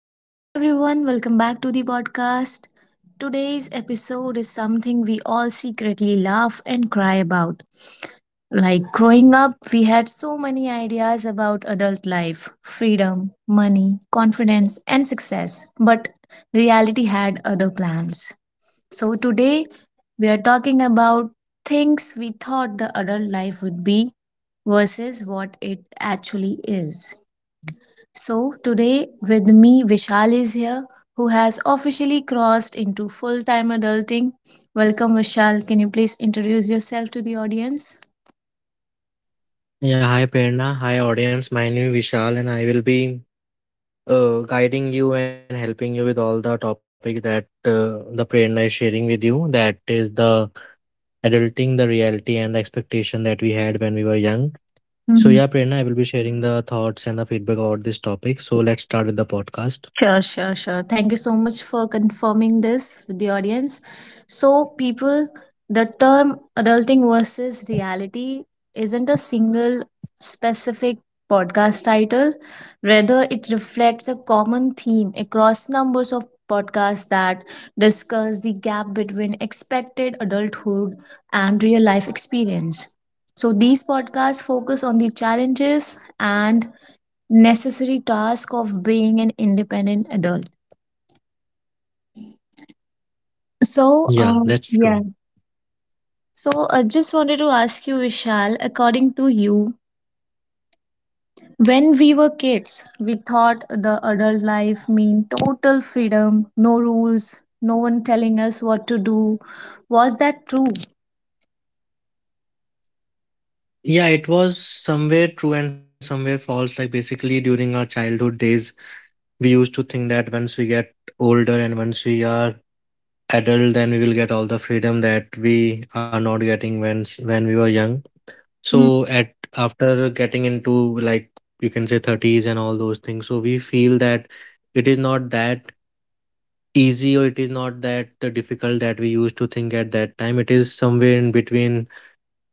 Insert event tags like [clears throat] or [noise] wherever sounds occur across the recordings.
Good morning, everyone. Welcome back to the podcast. Today's episode is something we all secretly laugh and cry about. Like growing up, we had so many ideas about adult life freedom, money, confidence, and success. But reality had other plans. So today, we are talking about things we thought the adult life would be versus what it actually is. So, today with me, Vishal is here, who has officially crossed into full time adulting. Welcome, Vishal. Can you please introduce yourself to the audience? Yeah, hi Prerna. Hi audience. My name is Vishal and I will be guiding you and helping you with all the topic that the Prerna is sharing with you. That is the adulting, the reality and the expectation that we had when we were young. So yeah, Mhm. Prerna, I will be sharing the thoughts and the feedback about this topic. So let's start with the podcast. Sure, sure, sure. Thank you so much for confirming this with the audience. So, people, the term adulting versus reality isn't a single specific podcast title. Rather, it reflects a common theme across numbers of podcasts that discuss the gap between expected adulthood and real life experience. So, these podcasts focus on the challenges and necessary task of being an independent adult. Yeah, So, that's true. yeah. So, I just wanted to ask you, Vishal, according to you, when we were kids, we thought the adult life mean total freedom, no rules, no one telling us what to do. Was that true? Yeah, it was somewhere true and somewhere false. Like basically during our childhood days, we used to think that once we get older and once we are adult, then we will get all the freedom that we are not getting when we were young. So Mm. at after getting into, like you can say, 30s and all those things, so we feel that it is not that easy or it is not that difficult that we used to think at that time. It is somewhere in between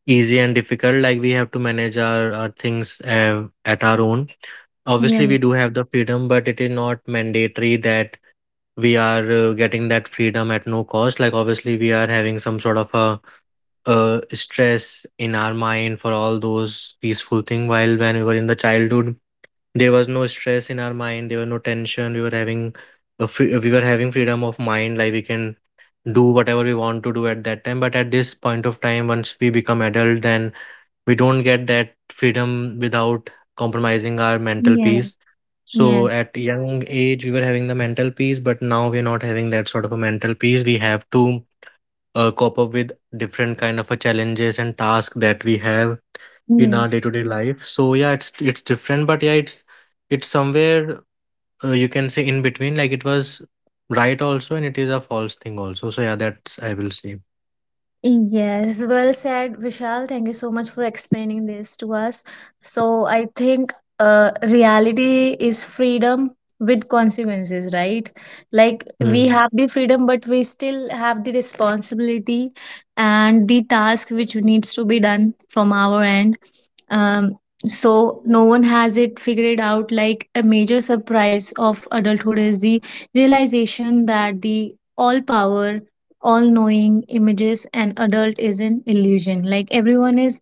easy and difficult. Like, we have to manage our things at our own. Yeah, Obviously we do have the freedom, but it is not mandatory that we are getting that freedom at no cost. Like, obviously we are having some sort of a stress in our mind for all those peaceful thing, while when we were in the childhood there was no stress in our mind, there were no tension. We were having freedom of mind, like we can do whatever we want to do at that time. But at this point of time, once we become adult, then we don't get that freedom without compromising our mental yeah, peace. yeah, So at young age, we were having the mental peace, but now we're not having that sort of a mental peace. We have to cope up with different kind of a challenges and tasks that we have in our yes. day-to-day life. So yeah, it's different, but yeah, it's somewhere, you can say, in between, like it was right also and it is a false thing also. So yeah, that's I will say. Yes, well said, Vishal. Thank you so much for explaining this to us. So, I think reality is freedom with consequences, right? Like, we Mm. have the freedom, but we still have the responsibility and the task which needs to be done from our end. Um, so, no one has it figured out. Like, a major surprise of adulthood is the realization that the all power all knowing images and adult is an illusion, like everyone is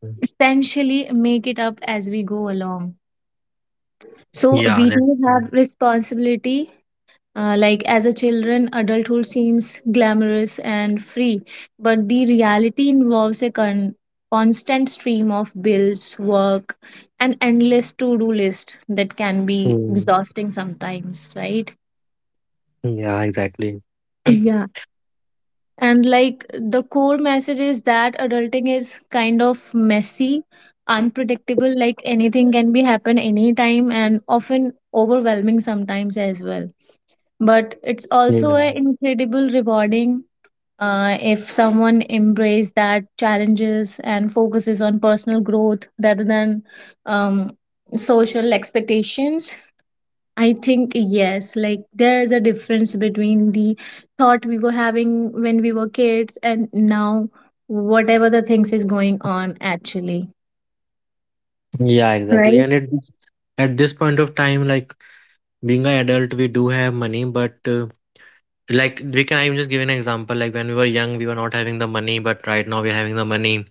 Mm. essentially make it up as we go along. So Yeah, we that. do have responsibility, like as a children adulthood seems glamorous and free, but the reality involves a constant stream of bills, work, and endless to-do list that can be Mm. exhausting sometimes, right? Yeah, exactly. Yeah. And like the core message is that adulting is kind of messy, unpredictable, like anything can be happen anytime and often overwhelming sometimes as well. But it's also Yeah. a incredible rewarding if someone embrace that challenges and focuses on personal growth rather than um, social expectations. I think yes, like there is a difference between the thought we were having when we were kids and now whatever the things is going on actually. Yeah, exactly. Right? And it At this point of time, like being an adult, we do have money, but like we can I'm just give an example. Like when we were young, we were not having the money, but right now we're having the money.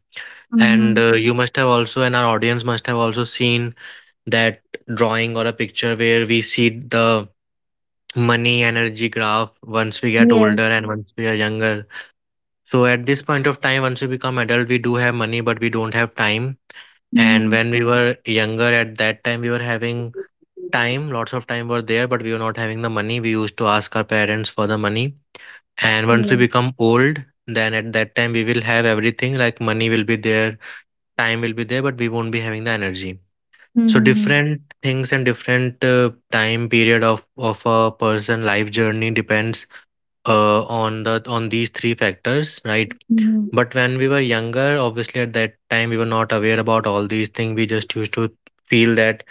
And Mm-hmm. You must have also, and our audience must have also seen that drawing or a picture where we see the money energy graph once we get Yes. older and once we are younger. So at this point of time, once we become adult, we do have money, but we don't have time. And Mm-hmm. when we were younger, at that time, we were having time, lots of time were there, but we were not having the money. We used to ask our parents for the money. And once we Yes. become old, then at that time, we will have everything, like money will be there, time will be there, but we won't be having the energy. So Mm-hmm. different things and different time period of a person life journey depends on the on these three factors, right? Mm-hmm. But when we were younger, obviously at that time we were not aware about all these things. We just used to feel that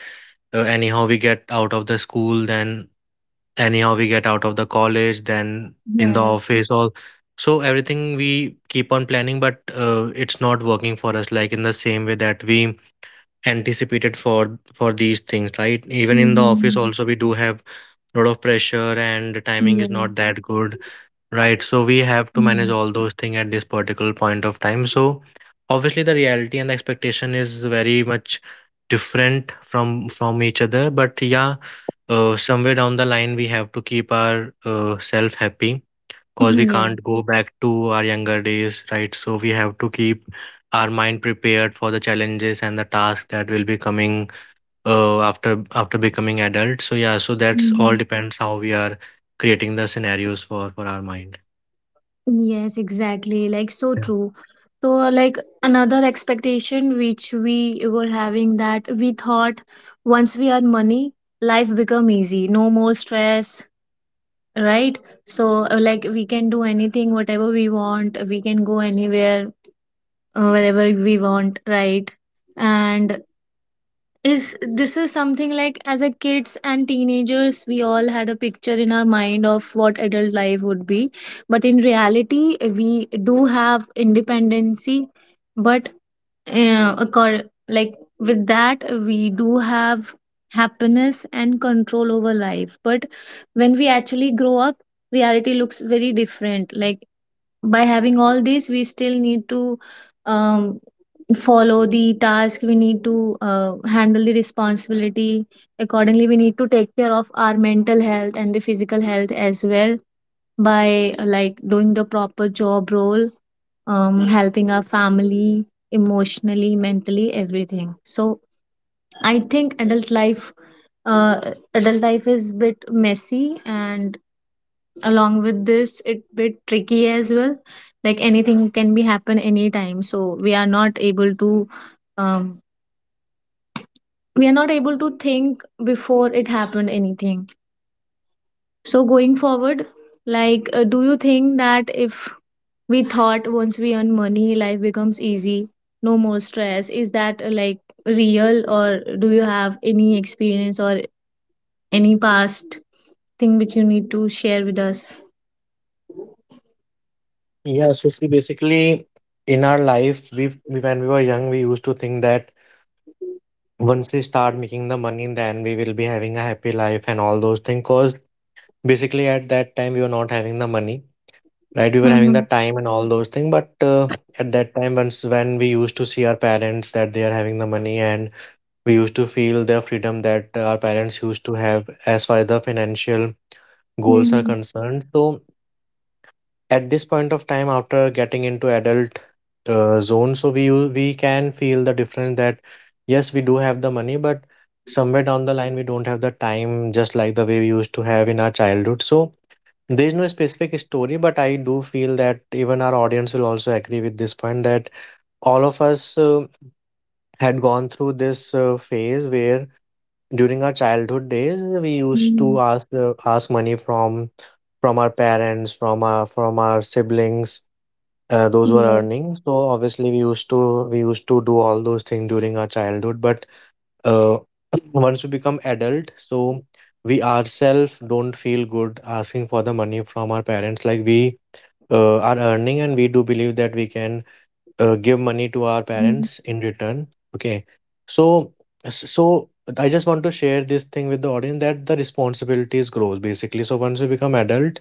anyhow we get out of the school, then anyhow we get out of the college, then in the Yes. office, all. So everything we keep on planning, but it's not working for us like in the same way that we anticipated for these things, right? Even in the office Mm-hmm. also we do have a lot of pressure and the timing is not Yes. that good. Right. So we have to manage Mm-hmm. all those things at this particular point of time. So obviously the reality and the expectation is very much different from each other. But yeah, somewhere down the line we have to keep our self happy because we Yes. can't go back to our younger days, right? So we have to keep our mind prepared for the challenges and the tasks that will be coming after becoming adult. So yeah, so that's all Mm-hmm. depends how we are creating the scenarios for our mind. Yes, exactly. Like so true. So like another expectation which we were having that we thought once we earn money, life become easy. No more stress, right? So like we can do anything, whatever we want. We can go anywhere, wherever we want, right? And is this is something like as a kids and teenagers we all had a picture in our mind of what adult life would be, but in reality we do have independency, but like with that we do have happiness and control over life, but when we actually grow up reality looks very different. Like by having all this we still need to um follow the task, we need to handle the responsibility accordingly, we need to take care of our mental health and the physical health as well by like doing the proper job role, helping our family emotionally mentally everything. So I think adult life, uh, adult life is bit messy, and along with this it bit tricky as well. Like anything can be happen anytime, so we are not able to um, we are not able to think before it happened anything. So going forward, like do you think that if we thought once we earn money life becomes easy no more stress, is that like real, or do you have any experience or any past thing which you need to share with us? Yeah, so see, basically, in our life, when we were young, we used to think that once we start making the money, then we will be having a happy life and all those things. Cause basically, at that time, we were not having the money, right? We were having the Mm-hmm. time and all those things. But at that time, once when we used to see our parents that they are having the money, and we used to feel the freedom that our parents used to have as far as the financial goals are concerned. So at this point of time, after getting into adult zone, so we can feel the difference that yes, we do have the money, but somewhere down the line we don't have the time, just like the way we used to have in our childhood. So there is no specific story, but I do feel that even our audience will also agree with this point that all of us had gone through this phase where during our childhood days we used to Mm-hmm. ask money from our parents, from our siblings those were Mm-hmm. Yes. earning. So obviously we used to do all those things during our childhood. But uh, [clears throat] once we become adult, so we ourselves don't feel good asking for the money from our parents. Like we are earning, and we do believe that we can give money to our parents in return. Okay, so so. I just want to share this thing with the audience that the responsibilities grows basically. So once we become adult,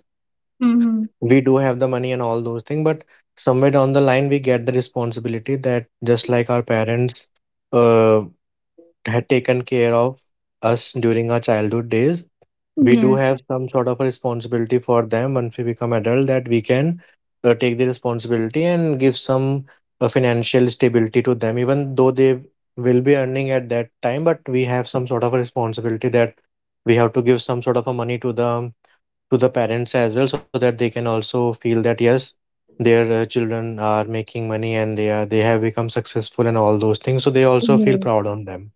Mm-hmm. we do have the money and all those things, but somewhere down the line we get the responsibility that, just like our parents uh, had taken care of us during our childhood days, we do Yes. have some sort of a responsibility for them. Once we become adult, that we can take the responsibility and give some financial stability to them, even though they will be earning at that time. But we have some sort of a responsibility that we have to give some sort of a money to the parents as well, so that they can also feel that yes, their children are making money and they have become successful and all those things, so they also feel Yes. proud on them.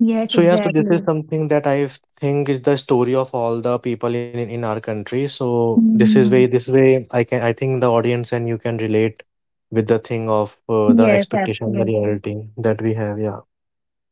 Yes, So yeah, so this is exactly. something that I think is the story of all the people in our country. So this is way Mm-hmm. this way I think the audience and you can relate with the thing of the Yes, expectation, the absolutely. reality that we have. Yeah.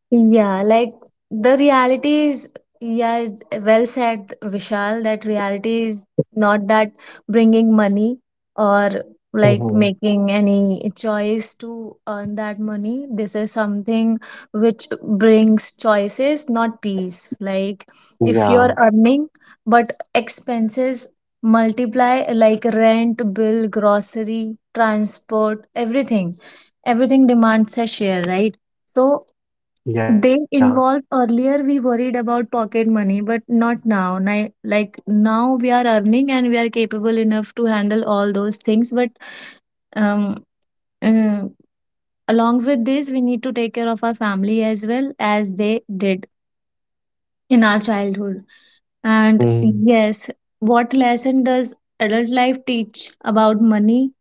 Yeah, like the reality is, yeah, is well said, Vishal, that reality is not that bringing money or like Hmm. making any choice to earn that money. This is something which brings choices, not peace. Like if you're Yeah. earning, but expenses multiply like rent, bill, grocery, transport, everything. Everything demands a share, right? So Yeah. they involve earlier we worried about pocket money but not now like now we are earning and we are capable enough to handle all those things, but um uh, along with this we need to take care of our family as well as they did in our childhood. And Mhm. yes, what lesson does adult life teach about money?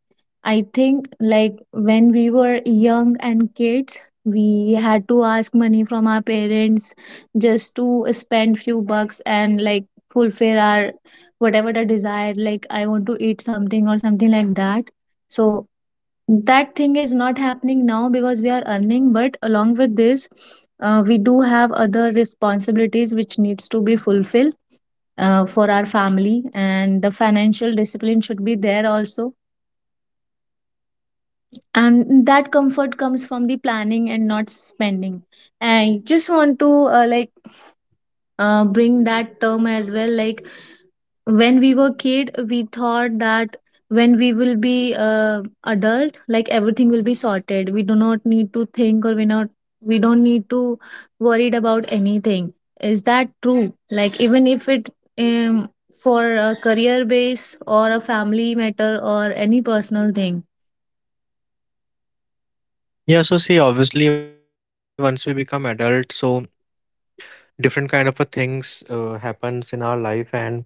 I think like when we were young and kids, we had to ask money from our parents just to spend few bucks and like fulfill our whatever the desire, like I want to eat something or something like that. So that thing is not happening now because we are earning, but along with this, we do have other responsibilities which needs to be fulfilled for our family, and the financial discipline should be there also, and that comfort comes from the planning and not spending. I just want to uh, like bring that term as well, like when we were kid we thought that when we will be adult, like everything will be sorted, we do not need to think, or we not we don't need to worried about anything. Is that true, like even if it um, for a career base or a family matter or any personal thing? Yeah. So see, obviously, once we become adult, so different kind of a things happens in our life, and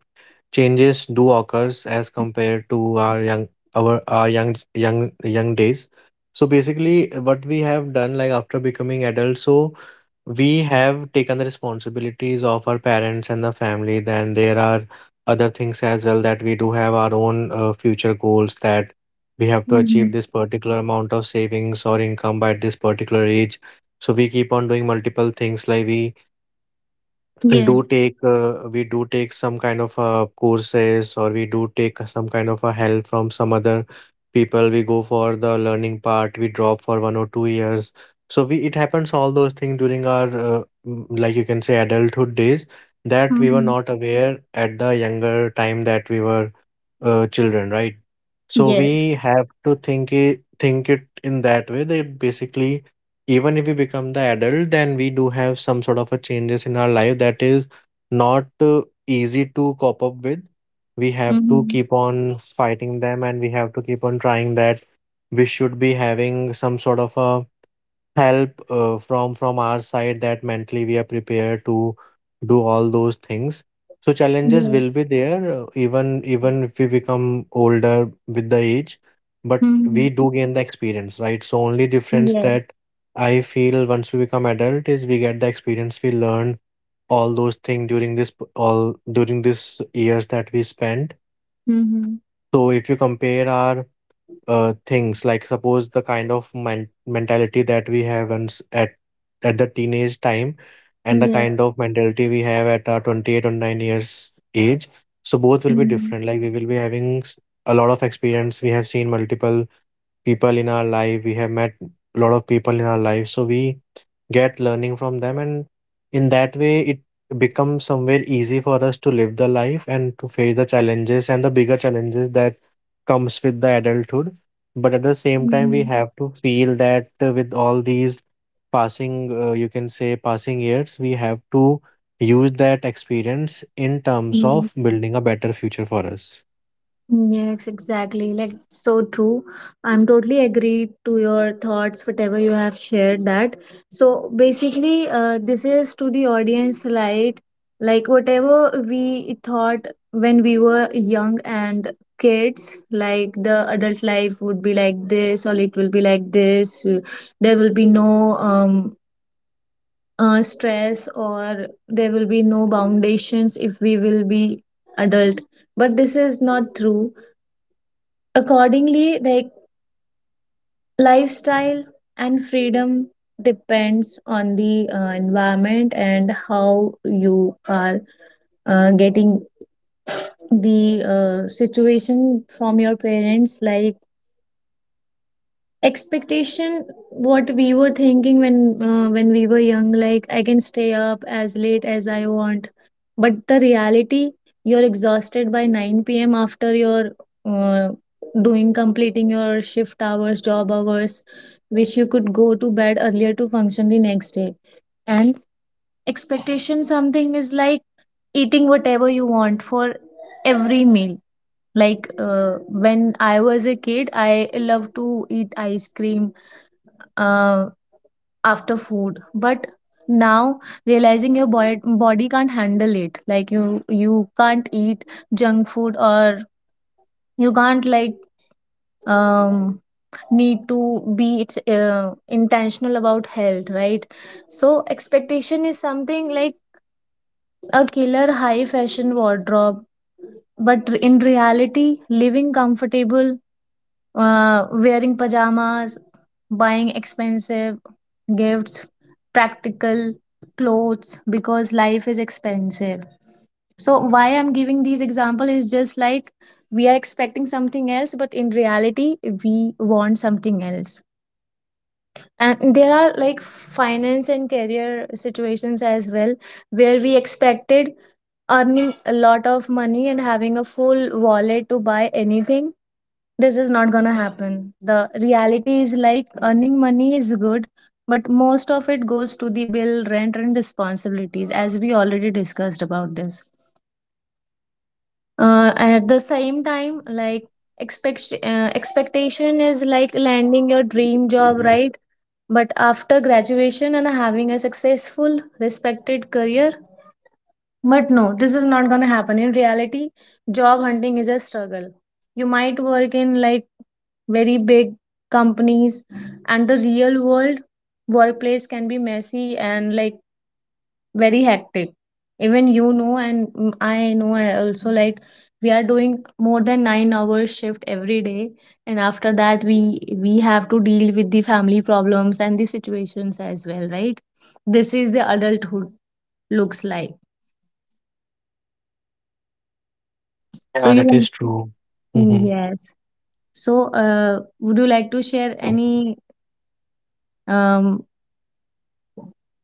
changes do occurs as compared to our young our our young young young days. So basically what we have done, like after becoming adults, so we have taken the responsibilities of our parents and the family. Then there are other things as well that we do have our own future goals that we have to achieve Mhm. this particular amount of savings or income by this particular age. So we keep on doing multiple things, like we do Yes. take uh, we do take some kind of courses, or we do take some kind of a help from some other people. We go for the learning part, we drop for 1 or 2 years. So we, it happens all those things during our like you can say adulthood days, that we were Mhm. not aware at the younger time that we were children, right? So Yes. we have to think it in that way, that basically even if we become the adult, then we do have some sort of a changes in our life that is not easy to cope up with. We have to Mhm. keep on fighting them, and we have to keep on trying that we should be having some sort of a help from our side, that mentally we are prepared to do all those things. So challenges Yes. will be there, even if we become older with the age, but Mhm. we do gain the experience, right? So only difference Yes. that I feel once we become adult is we get the experience. We learn all those things during this p- all during this years that we spent. Mhm. So if you compare our things, like suppose the kind of mentality that we have and at the teenage time, and the Yes. kind of mentality we have at our 28 or 9 years age. So both will be Mhm. different. Like we will be having a lot of experience. We have seen multiple people in our life, we have met a lot of people in our life, so we get learning from them, and in that way it becomes somewhere easy for us to live the life and to face the challenges and the bigger challenges that comes with the adulthood. But at the same time we Mhm. have to feel that with all these passing you can say passing years, we have to use that experience in terms Yes. of building a better future for us. Yes, exactly. Like so true. I'm totally agreed to your thoughts, whatever you have shared that. So basically, this is to the audience like whatever we thought when we were young and kids, like the adult life would be like this, or it will be like this. There will be no stress, or there will be no foundations if we will be adult. But this is not true. Accordingly, like lifestyle and freedom depends on the environment, and how you are getting the situation from your parents. Like expectation what we were thinking when we were young, like I can stay up as late as I want, but the reality, you're exhausted by 9 p.m. after your uh, doing completing your shift hours job hours, wish you could go to bed earlier to function the next day. And expectation something is like eating whatever you want for every meal. Like when I was a kid I loved to eat ice cream uh, after food, but now realizing your body can't handle it, like you can't eat junk food, or you can't like um need to be, it's intentional about health, right? So expectation is something like a killer high fashion wardrobe, but in reality living comfortable, wearing pajamas, buying expensive gifts, practical clothes, because life is expensive. So why I'm giving these example is just like we are expecting something else, but in reality we want something else. And there are like finance and career situations as well where we expected earning a lot of money and having a full wallet to buy anything. This is not gonna happen. The reality is like earning money is good, but most of it goes to the bill, rent, and responsibilities, as we already discussed about this. And at the same time, like expectation is like landing your dream job, right? But after graduation and having a successful, respected career, but no, this is not going to happen. In reality, job hunting is a struggle. You might work in like very big companies, and the real world workplace can be messy and like very hectic. Even you know, and mm, I know, I also like we are doing more than 9 hours shift every day, and after that, we have to deal with the family problems and the situations as well, right? This is the adulthood looks like. So Yeah, that is you true. Hmm. Yes. So, would you like to share any um,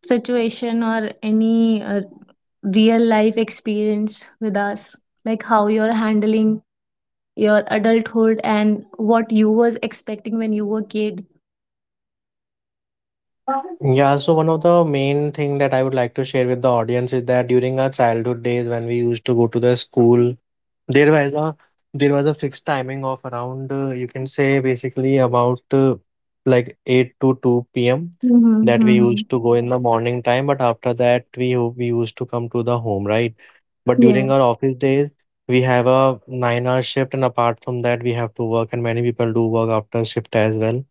situation or any real life experience with us? Like how you're handling your adulthood and what you was expecting when you were kid? Yeah, so one of the main thing that I would like to share with the audience is that during our childhood days when we used to go to the school, there was a there was a fixed timing of around you can say basically about like 8 to 2 p.m. that we Mm-hmm. used to go in the morning time, but after that we used to come to the home, right? But during Yes. our office days, we have a 9 hour shift, and apart from that, we have to work, and many people do work after shift as well,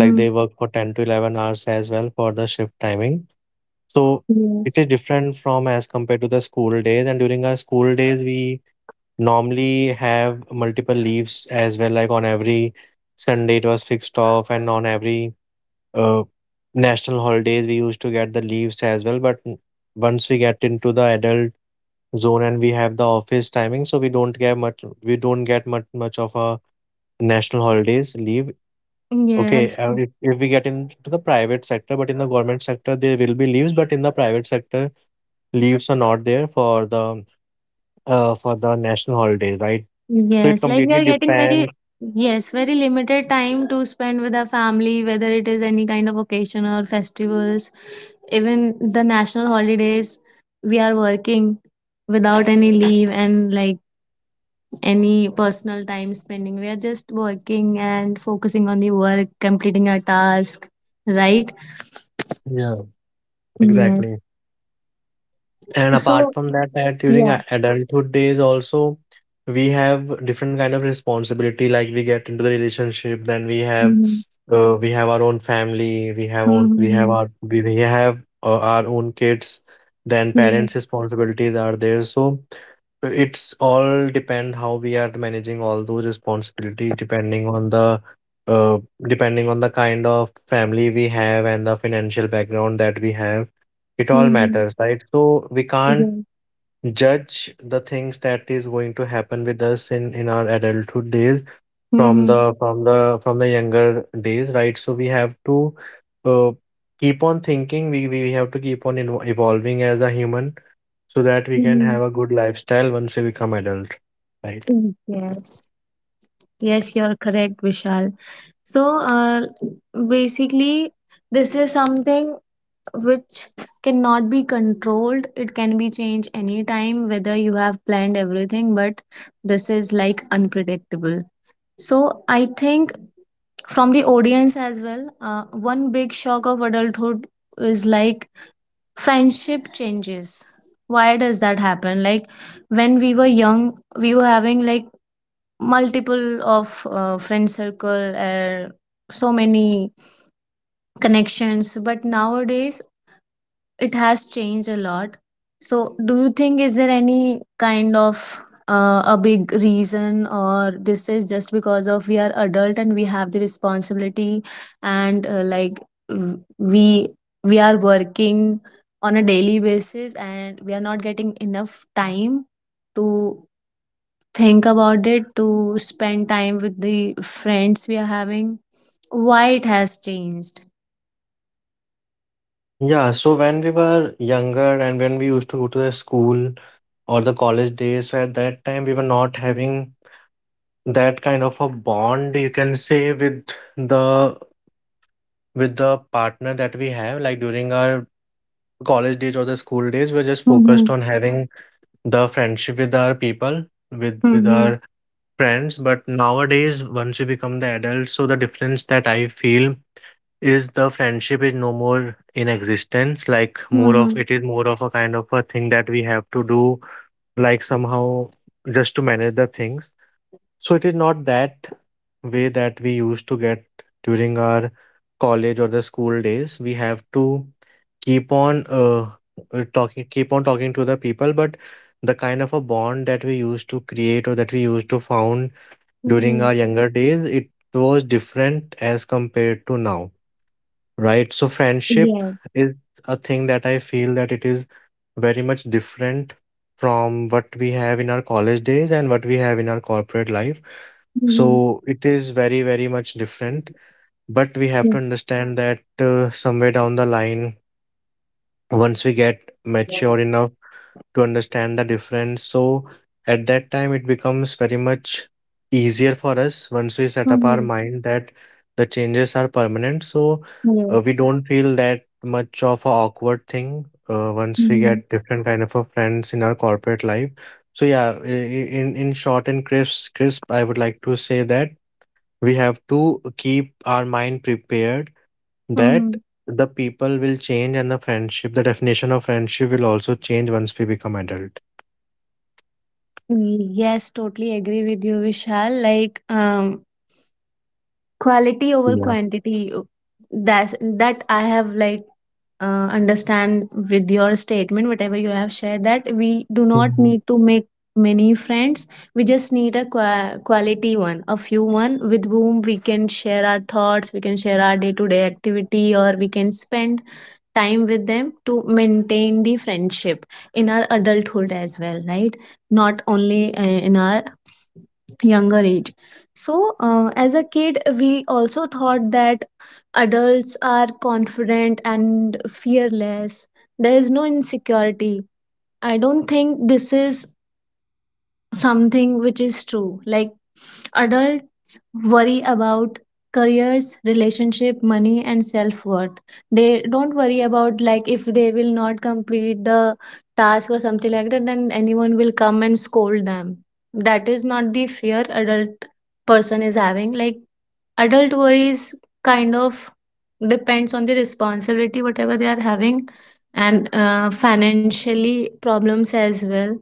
like they work for 10 to 11 hours as well for the shift timing. So it Yes. is different from as compared to the school days, and during our school days we normally have multiple leaves as well, like on every Sunday it was fixed off, and on every uh, national holidays we used to get the leaves as well. Once we get into the adult zone and we have the office timing, so we don't get much, much of a national holidays leave. Okay, Yes. If we get into the private sector, but in the government sector there will be leaves, but in the private sector leaves are not there for the national holiday, right? So it Yes, like we completely are getting very, depends. yes, very limited time to spend with our family, whether it is any kind of occasion or festivals, even the national holidays, we are working without any leave and like any personal time spending. We are just working and focusing on the work, completing our task, right? Yeah, Yes. exactly. And apart So, from that, that during yeah. Adulthood days also we have different kind of responsibility. Like we get into the relationship, then Mm-hmm. We have our own family, we have own Mm-hmm. We have our own kids. Then Yes. parents' responsibilities are there. So it's all depend how we are managing all those responsibilities uh depending on the kind of family we have and the financial background that we have. It all Mm-hmm. matters, right? So we can't Yes. judge the things that is going to happen with us in our adulthood days Mm-hmm. From the younger days, right? So we have to uh keep on thinking. We have to keep on evolving as a human so that we can Mm-hmm. have a good lifestyle once we become adult, right? Yes. Yes, you're correct, Vishal. So, basically, this is something which cannot be controlled. It can be changed anytime, whether you have planned everything, but this is like unpredictable. So, I think from the audience as well, one big shock of adulthood is like friendship changes. Why does that happen? Like, when we were young, we were having like multiple of friend circle so many connections, but nowadays it has changed a lot. So do you think is there any kind of a big reason, or this is just because of we are adult and we have the responsibility and uh, like w- we we are working on a daily basis and we are not getting enough time to think about it, to spend time with the friends we are having? Why it has changed? Yeah, so when we were younger and when we used to go to the school or the college days, so at that time we were not having that kind of a bond, you can say, with the partner that we have. Like during our college days or the school days we're just Mm-hmm. focused on having the friendship with our people, with Mm-hmm. our friends. But nowadays once we become the adults, so the difference that I feel is the friendship is no more in existence. Like more of Mm-hmm. it is more of a kind of a thing that we have to do, like somehow, just to manage the things. So it is not that way that we used to get during our college or the school days. We have to keep on talking keep on talking to the people, but the kind of a bond that we used to create or that we used to found during Mm-hmm. our younger days, it was different as compared to now. Right. So friendship Yes. is a thing that I feel that it is very much different from what we have in our college days and what we have in our corporate life. Mm-hmm. So it is very, very much different. But we have to Yes. understand that somewhere down the line, once we get mature enough to understand the difference. So at that time, it becomes very much easier for us once we set up our Mm-hmm. mind that the changes are permanent. So Yes. We don't feel that much of a awkward thing once we Mm-hmm. get different kind of a friends in our corporate life. So yeah, in short and crisp, I would like to say that we have to keep our mind prepared that Mm-hmm. the people will change and the friendship, the definition of friendship will also change once we become adult. Yes, totally agree with you, Vishal. Like, quality over Yeah. quantity, that's that I have like understand with your statement, whatever you have shared, that we do not Mhm. need to make many friends. We just need a quality one, a few one, with whom we can share our thoughts, we can share our day to day activity, or we can spend time with them to maintain the friendship in our adulthood as well, right? Not only in our younger age. So as a kid, we also thought that adults are confident and fearless, there is no insecurity. I don't think this is something which is true. Like, adults worry about careers, relationship, money, and self worth. They don't worry about like if they will not complete the task or something like that, then anyone will come and scold them. That is not the fear adult person is having. Like, adult worries kind of depends on the responsibility whatever they are having, and financially problems as well.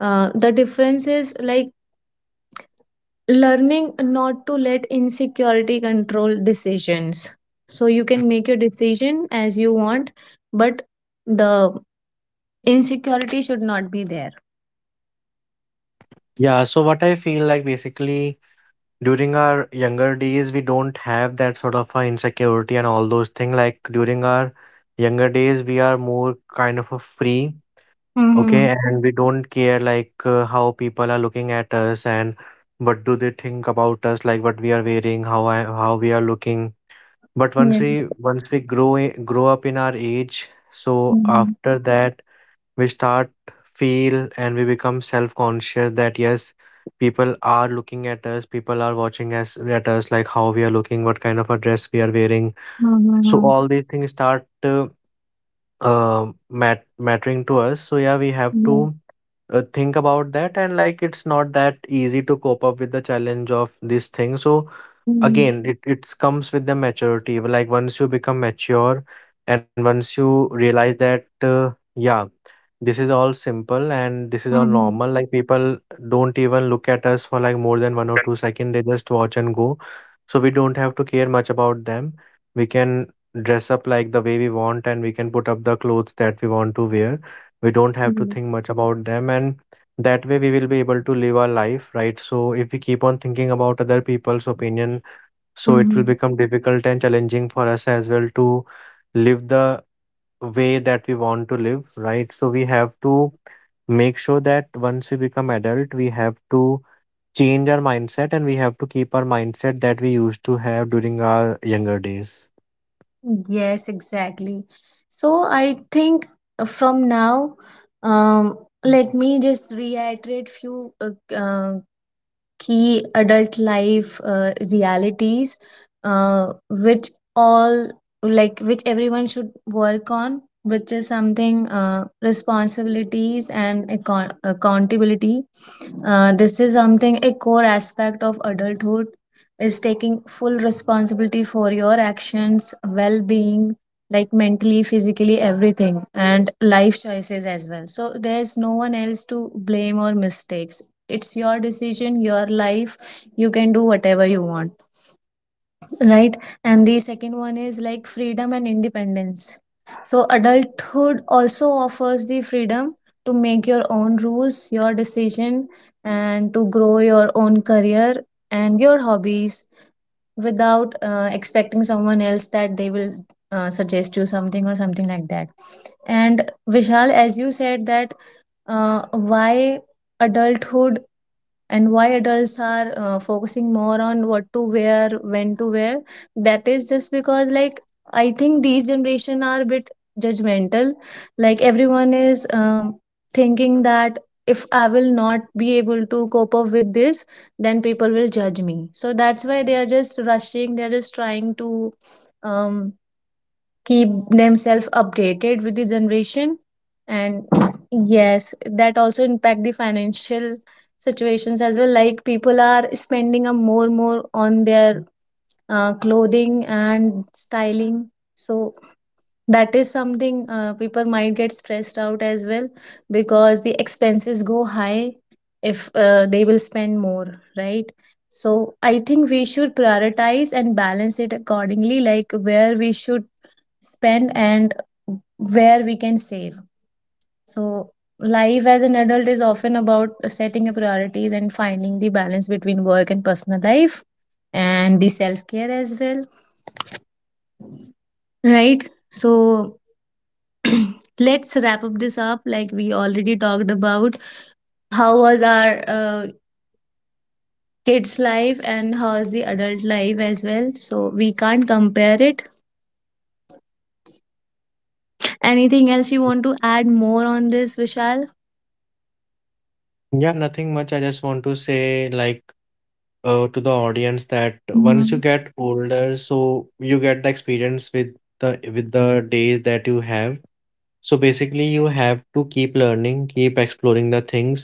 The difference is like learning not to let insecurity control decisions. So you can make your decision as you want, but the insecurity should not be there. Yeah. So what I feel like basically during our younger days, we don't have that sort of insecurity and all those things. Like during our younger days, we are more kind of a free, Mm-hmm. okay, and we don't care like how people are looking at us and what do they think about us, like what we are wearing, how we are looking. But once Yeah. we once we grow up in our age, so Mm-hmm. after that we start feel and we become self-conscious that yes, people are looking at us, people are watching us at us, like how we are looking, what kind of a dress we are wearing. So Mm-hmm. all these things start mattering to us. So yeah, we have Yeah. to think about that, and like it's not that easy to cope up with the challenge of this thing. So Mm-hmm. again it comes with the maturity. Like once you become mature and once you realize that yeah this is all simple and this is all Mm-hmm. normal. Like people don't even look at us for like more than one or two seconds. They just watch and go. So we don't have to care much about them. We can dress up like the way we want and we can put up the clothes that we want to wear. We don't have to Yeah. think much about them, and that way we will be able to live our life, right? So if we keep on thinking about other people's opinion, so it will Mm-hmm. become difficult and challenging for us as well to live the way that we want to live, right? So we have to make sure that once we become adult, we have to change our mindset and we have to keep our mindset that we used to have during our younger days. Yes, exactly. So I think, from now, um, let me just reiterate few key adult life realities, which all, like, which everyone should work on, which is something, accountability. This is something, a core aspect of adulthood, is taking full responsibility for your actions, well-being, like mentally, physically, everything, and life choices as well. So there's no one else to blame or mistakes. It's your decision, your life, you can do whatever you want, right? And the second one is like freedom and independence. So adulthood also offers the freedom to make your own rules, your decision, and to grow your own career and your hobbies without expecting someone else that they will suggest you something or something like that. And Vishal, as you said that why adulthood and why adults are focusing more on what to wear, when to wear, that is just because, like, I think these generation are a bit judgmental. Like, everyone is thinking that if I will not be able to cope up with this, then people will judge me. So that's why they are just rushing, they're just trying to um keep themselves updated with the generation. And yes, that also impact the financial situations as well, like people are spending a more on their clothing and styling. So that is something people might get stressed out as well, because the expenses go high if they will spend more, right? So I think we should prioritize and balance it accordingly, like where we should spend and where we can save. So, life as an adult is often about setting a priorities and finding the balance between work and personal life and the self care as well, right? So [clears throat] let's wrap up this up. Like, we already talked about how was our kids' life and how is the adult life as well. So we can't compare it. Anything else you want to add more on this, Vishal? Yeah, nothing much. I just want to say, like, to the audience that once you Mm-hmm. get older, so you get the experience with the days that you have. So basically, you have to keep learning, keep exploring the things.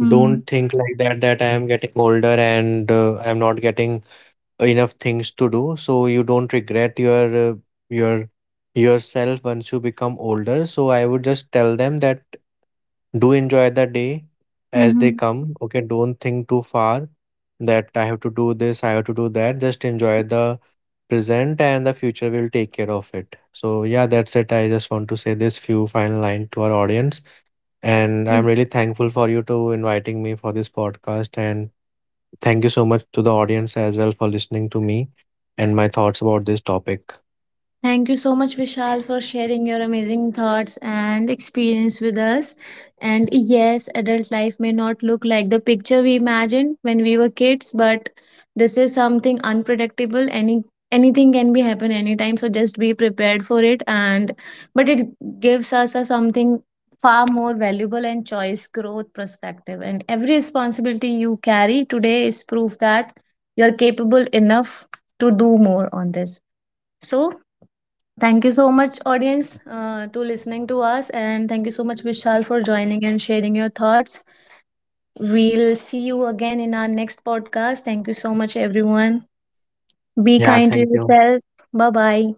Don't Mm-hmm. think like that, that I am getting older and I'm not getting enough things to do. So you don't regret your uh, your yourself once you become older. So I would just tell them that do enjoy the day as they Mm-hmm. come. Okay, don't think too far that I have to do this, I have to do that. Just enjoy the present and the future will take care of it. So yeah, that's it. I just want to say this few final line to our audience. And I'm really thankful for you to inviting me for this podcast. And thank you so much to the audience as well for listening to me and my thoughts about this topic. Thank you so much, Vishal, for sharing your amazing thoughts and experience with us. And yes, adult life may not look like the picture we imagined when we were kids, but this is something unpredictable. Anything can be happen anytime, so just be prepared for it. And but it gives us a something far more valuable and choice growth perspective. And every responsibility you carry today is proof that you're capable enough to do more on this. So thank you so much, audience, to listening to us, and thank you so much, Vishal, for joining and sharing your thoughts. We'll see you again in our next podcast. Thank you so much, everyone. Be Yeah, kind to thank you. yourself. Bye bye.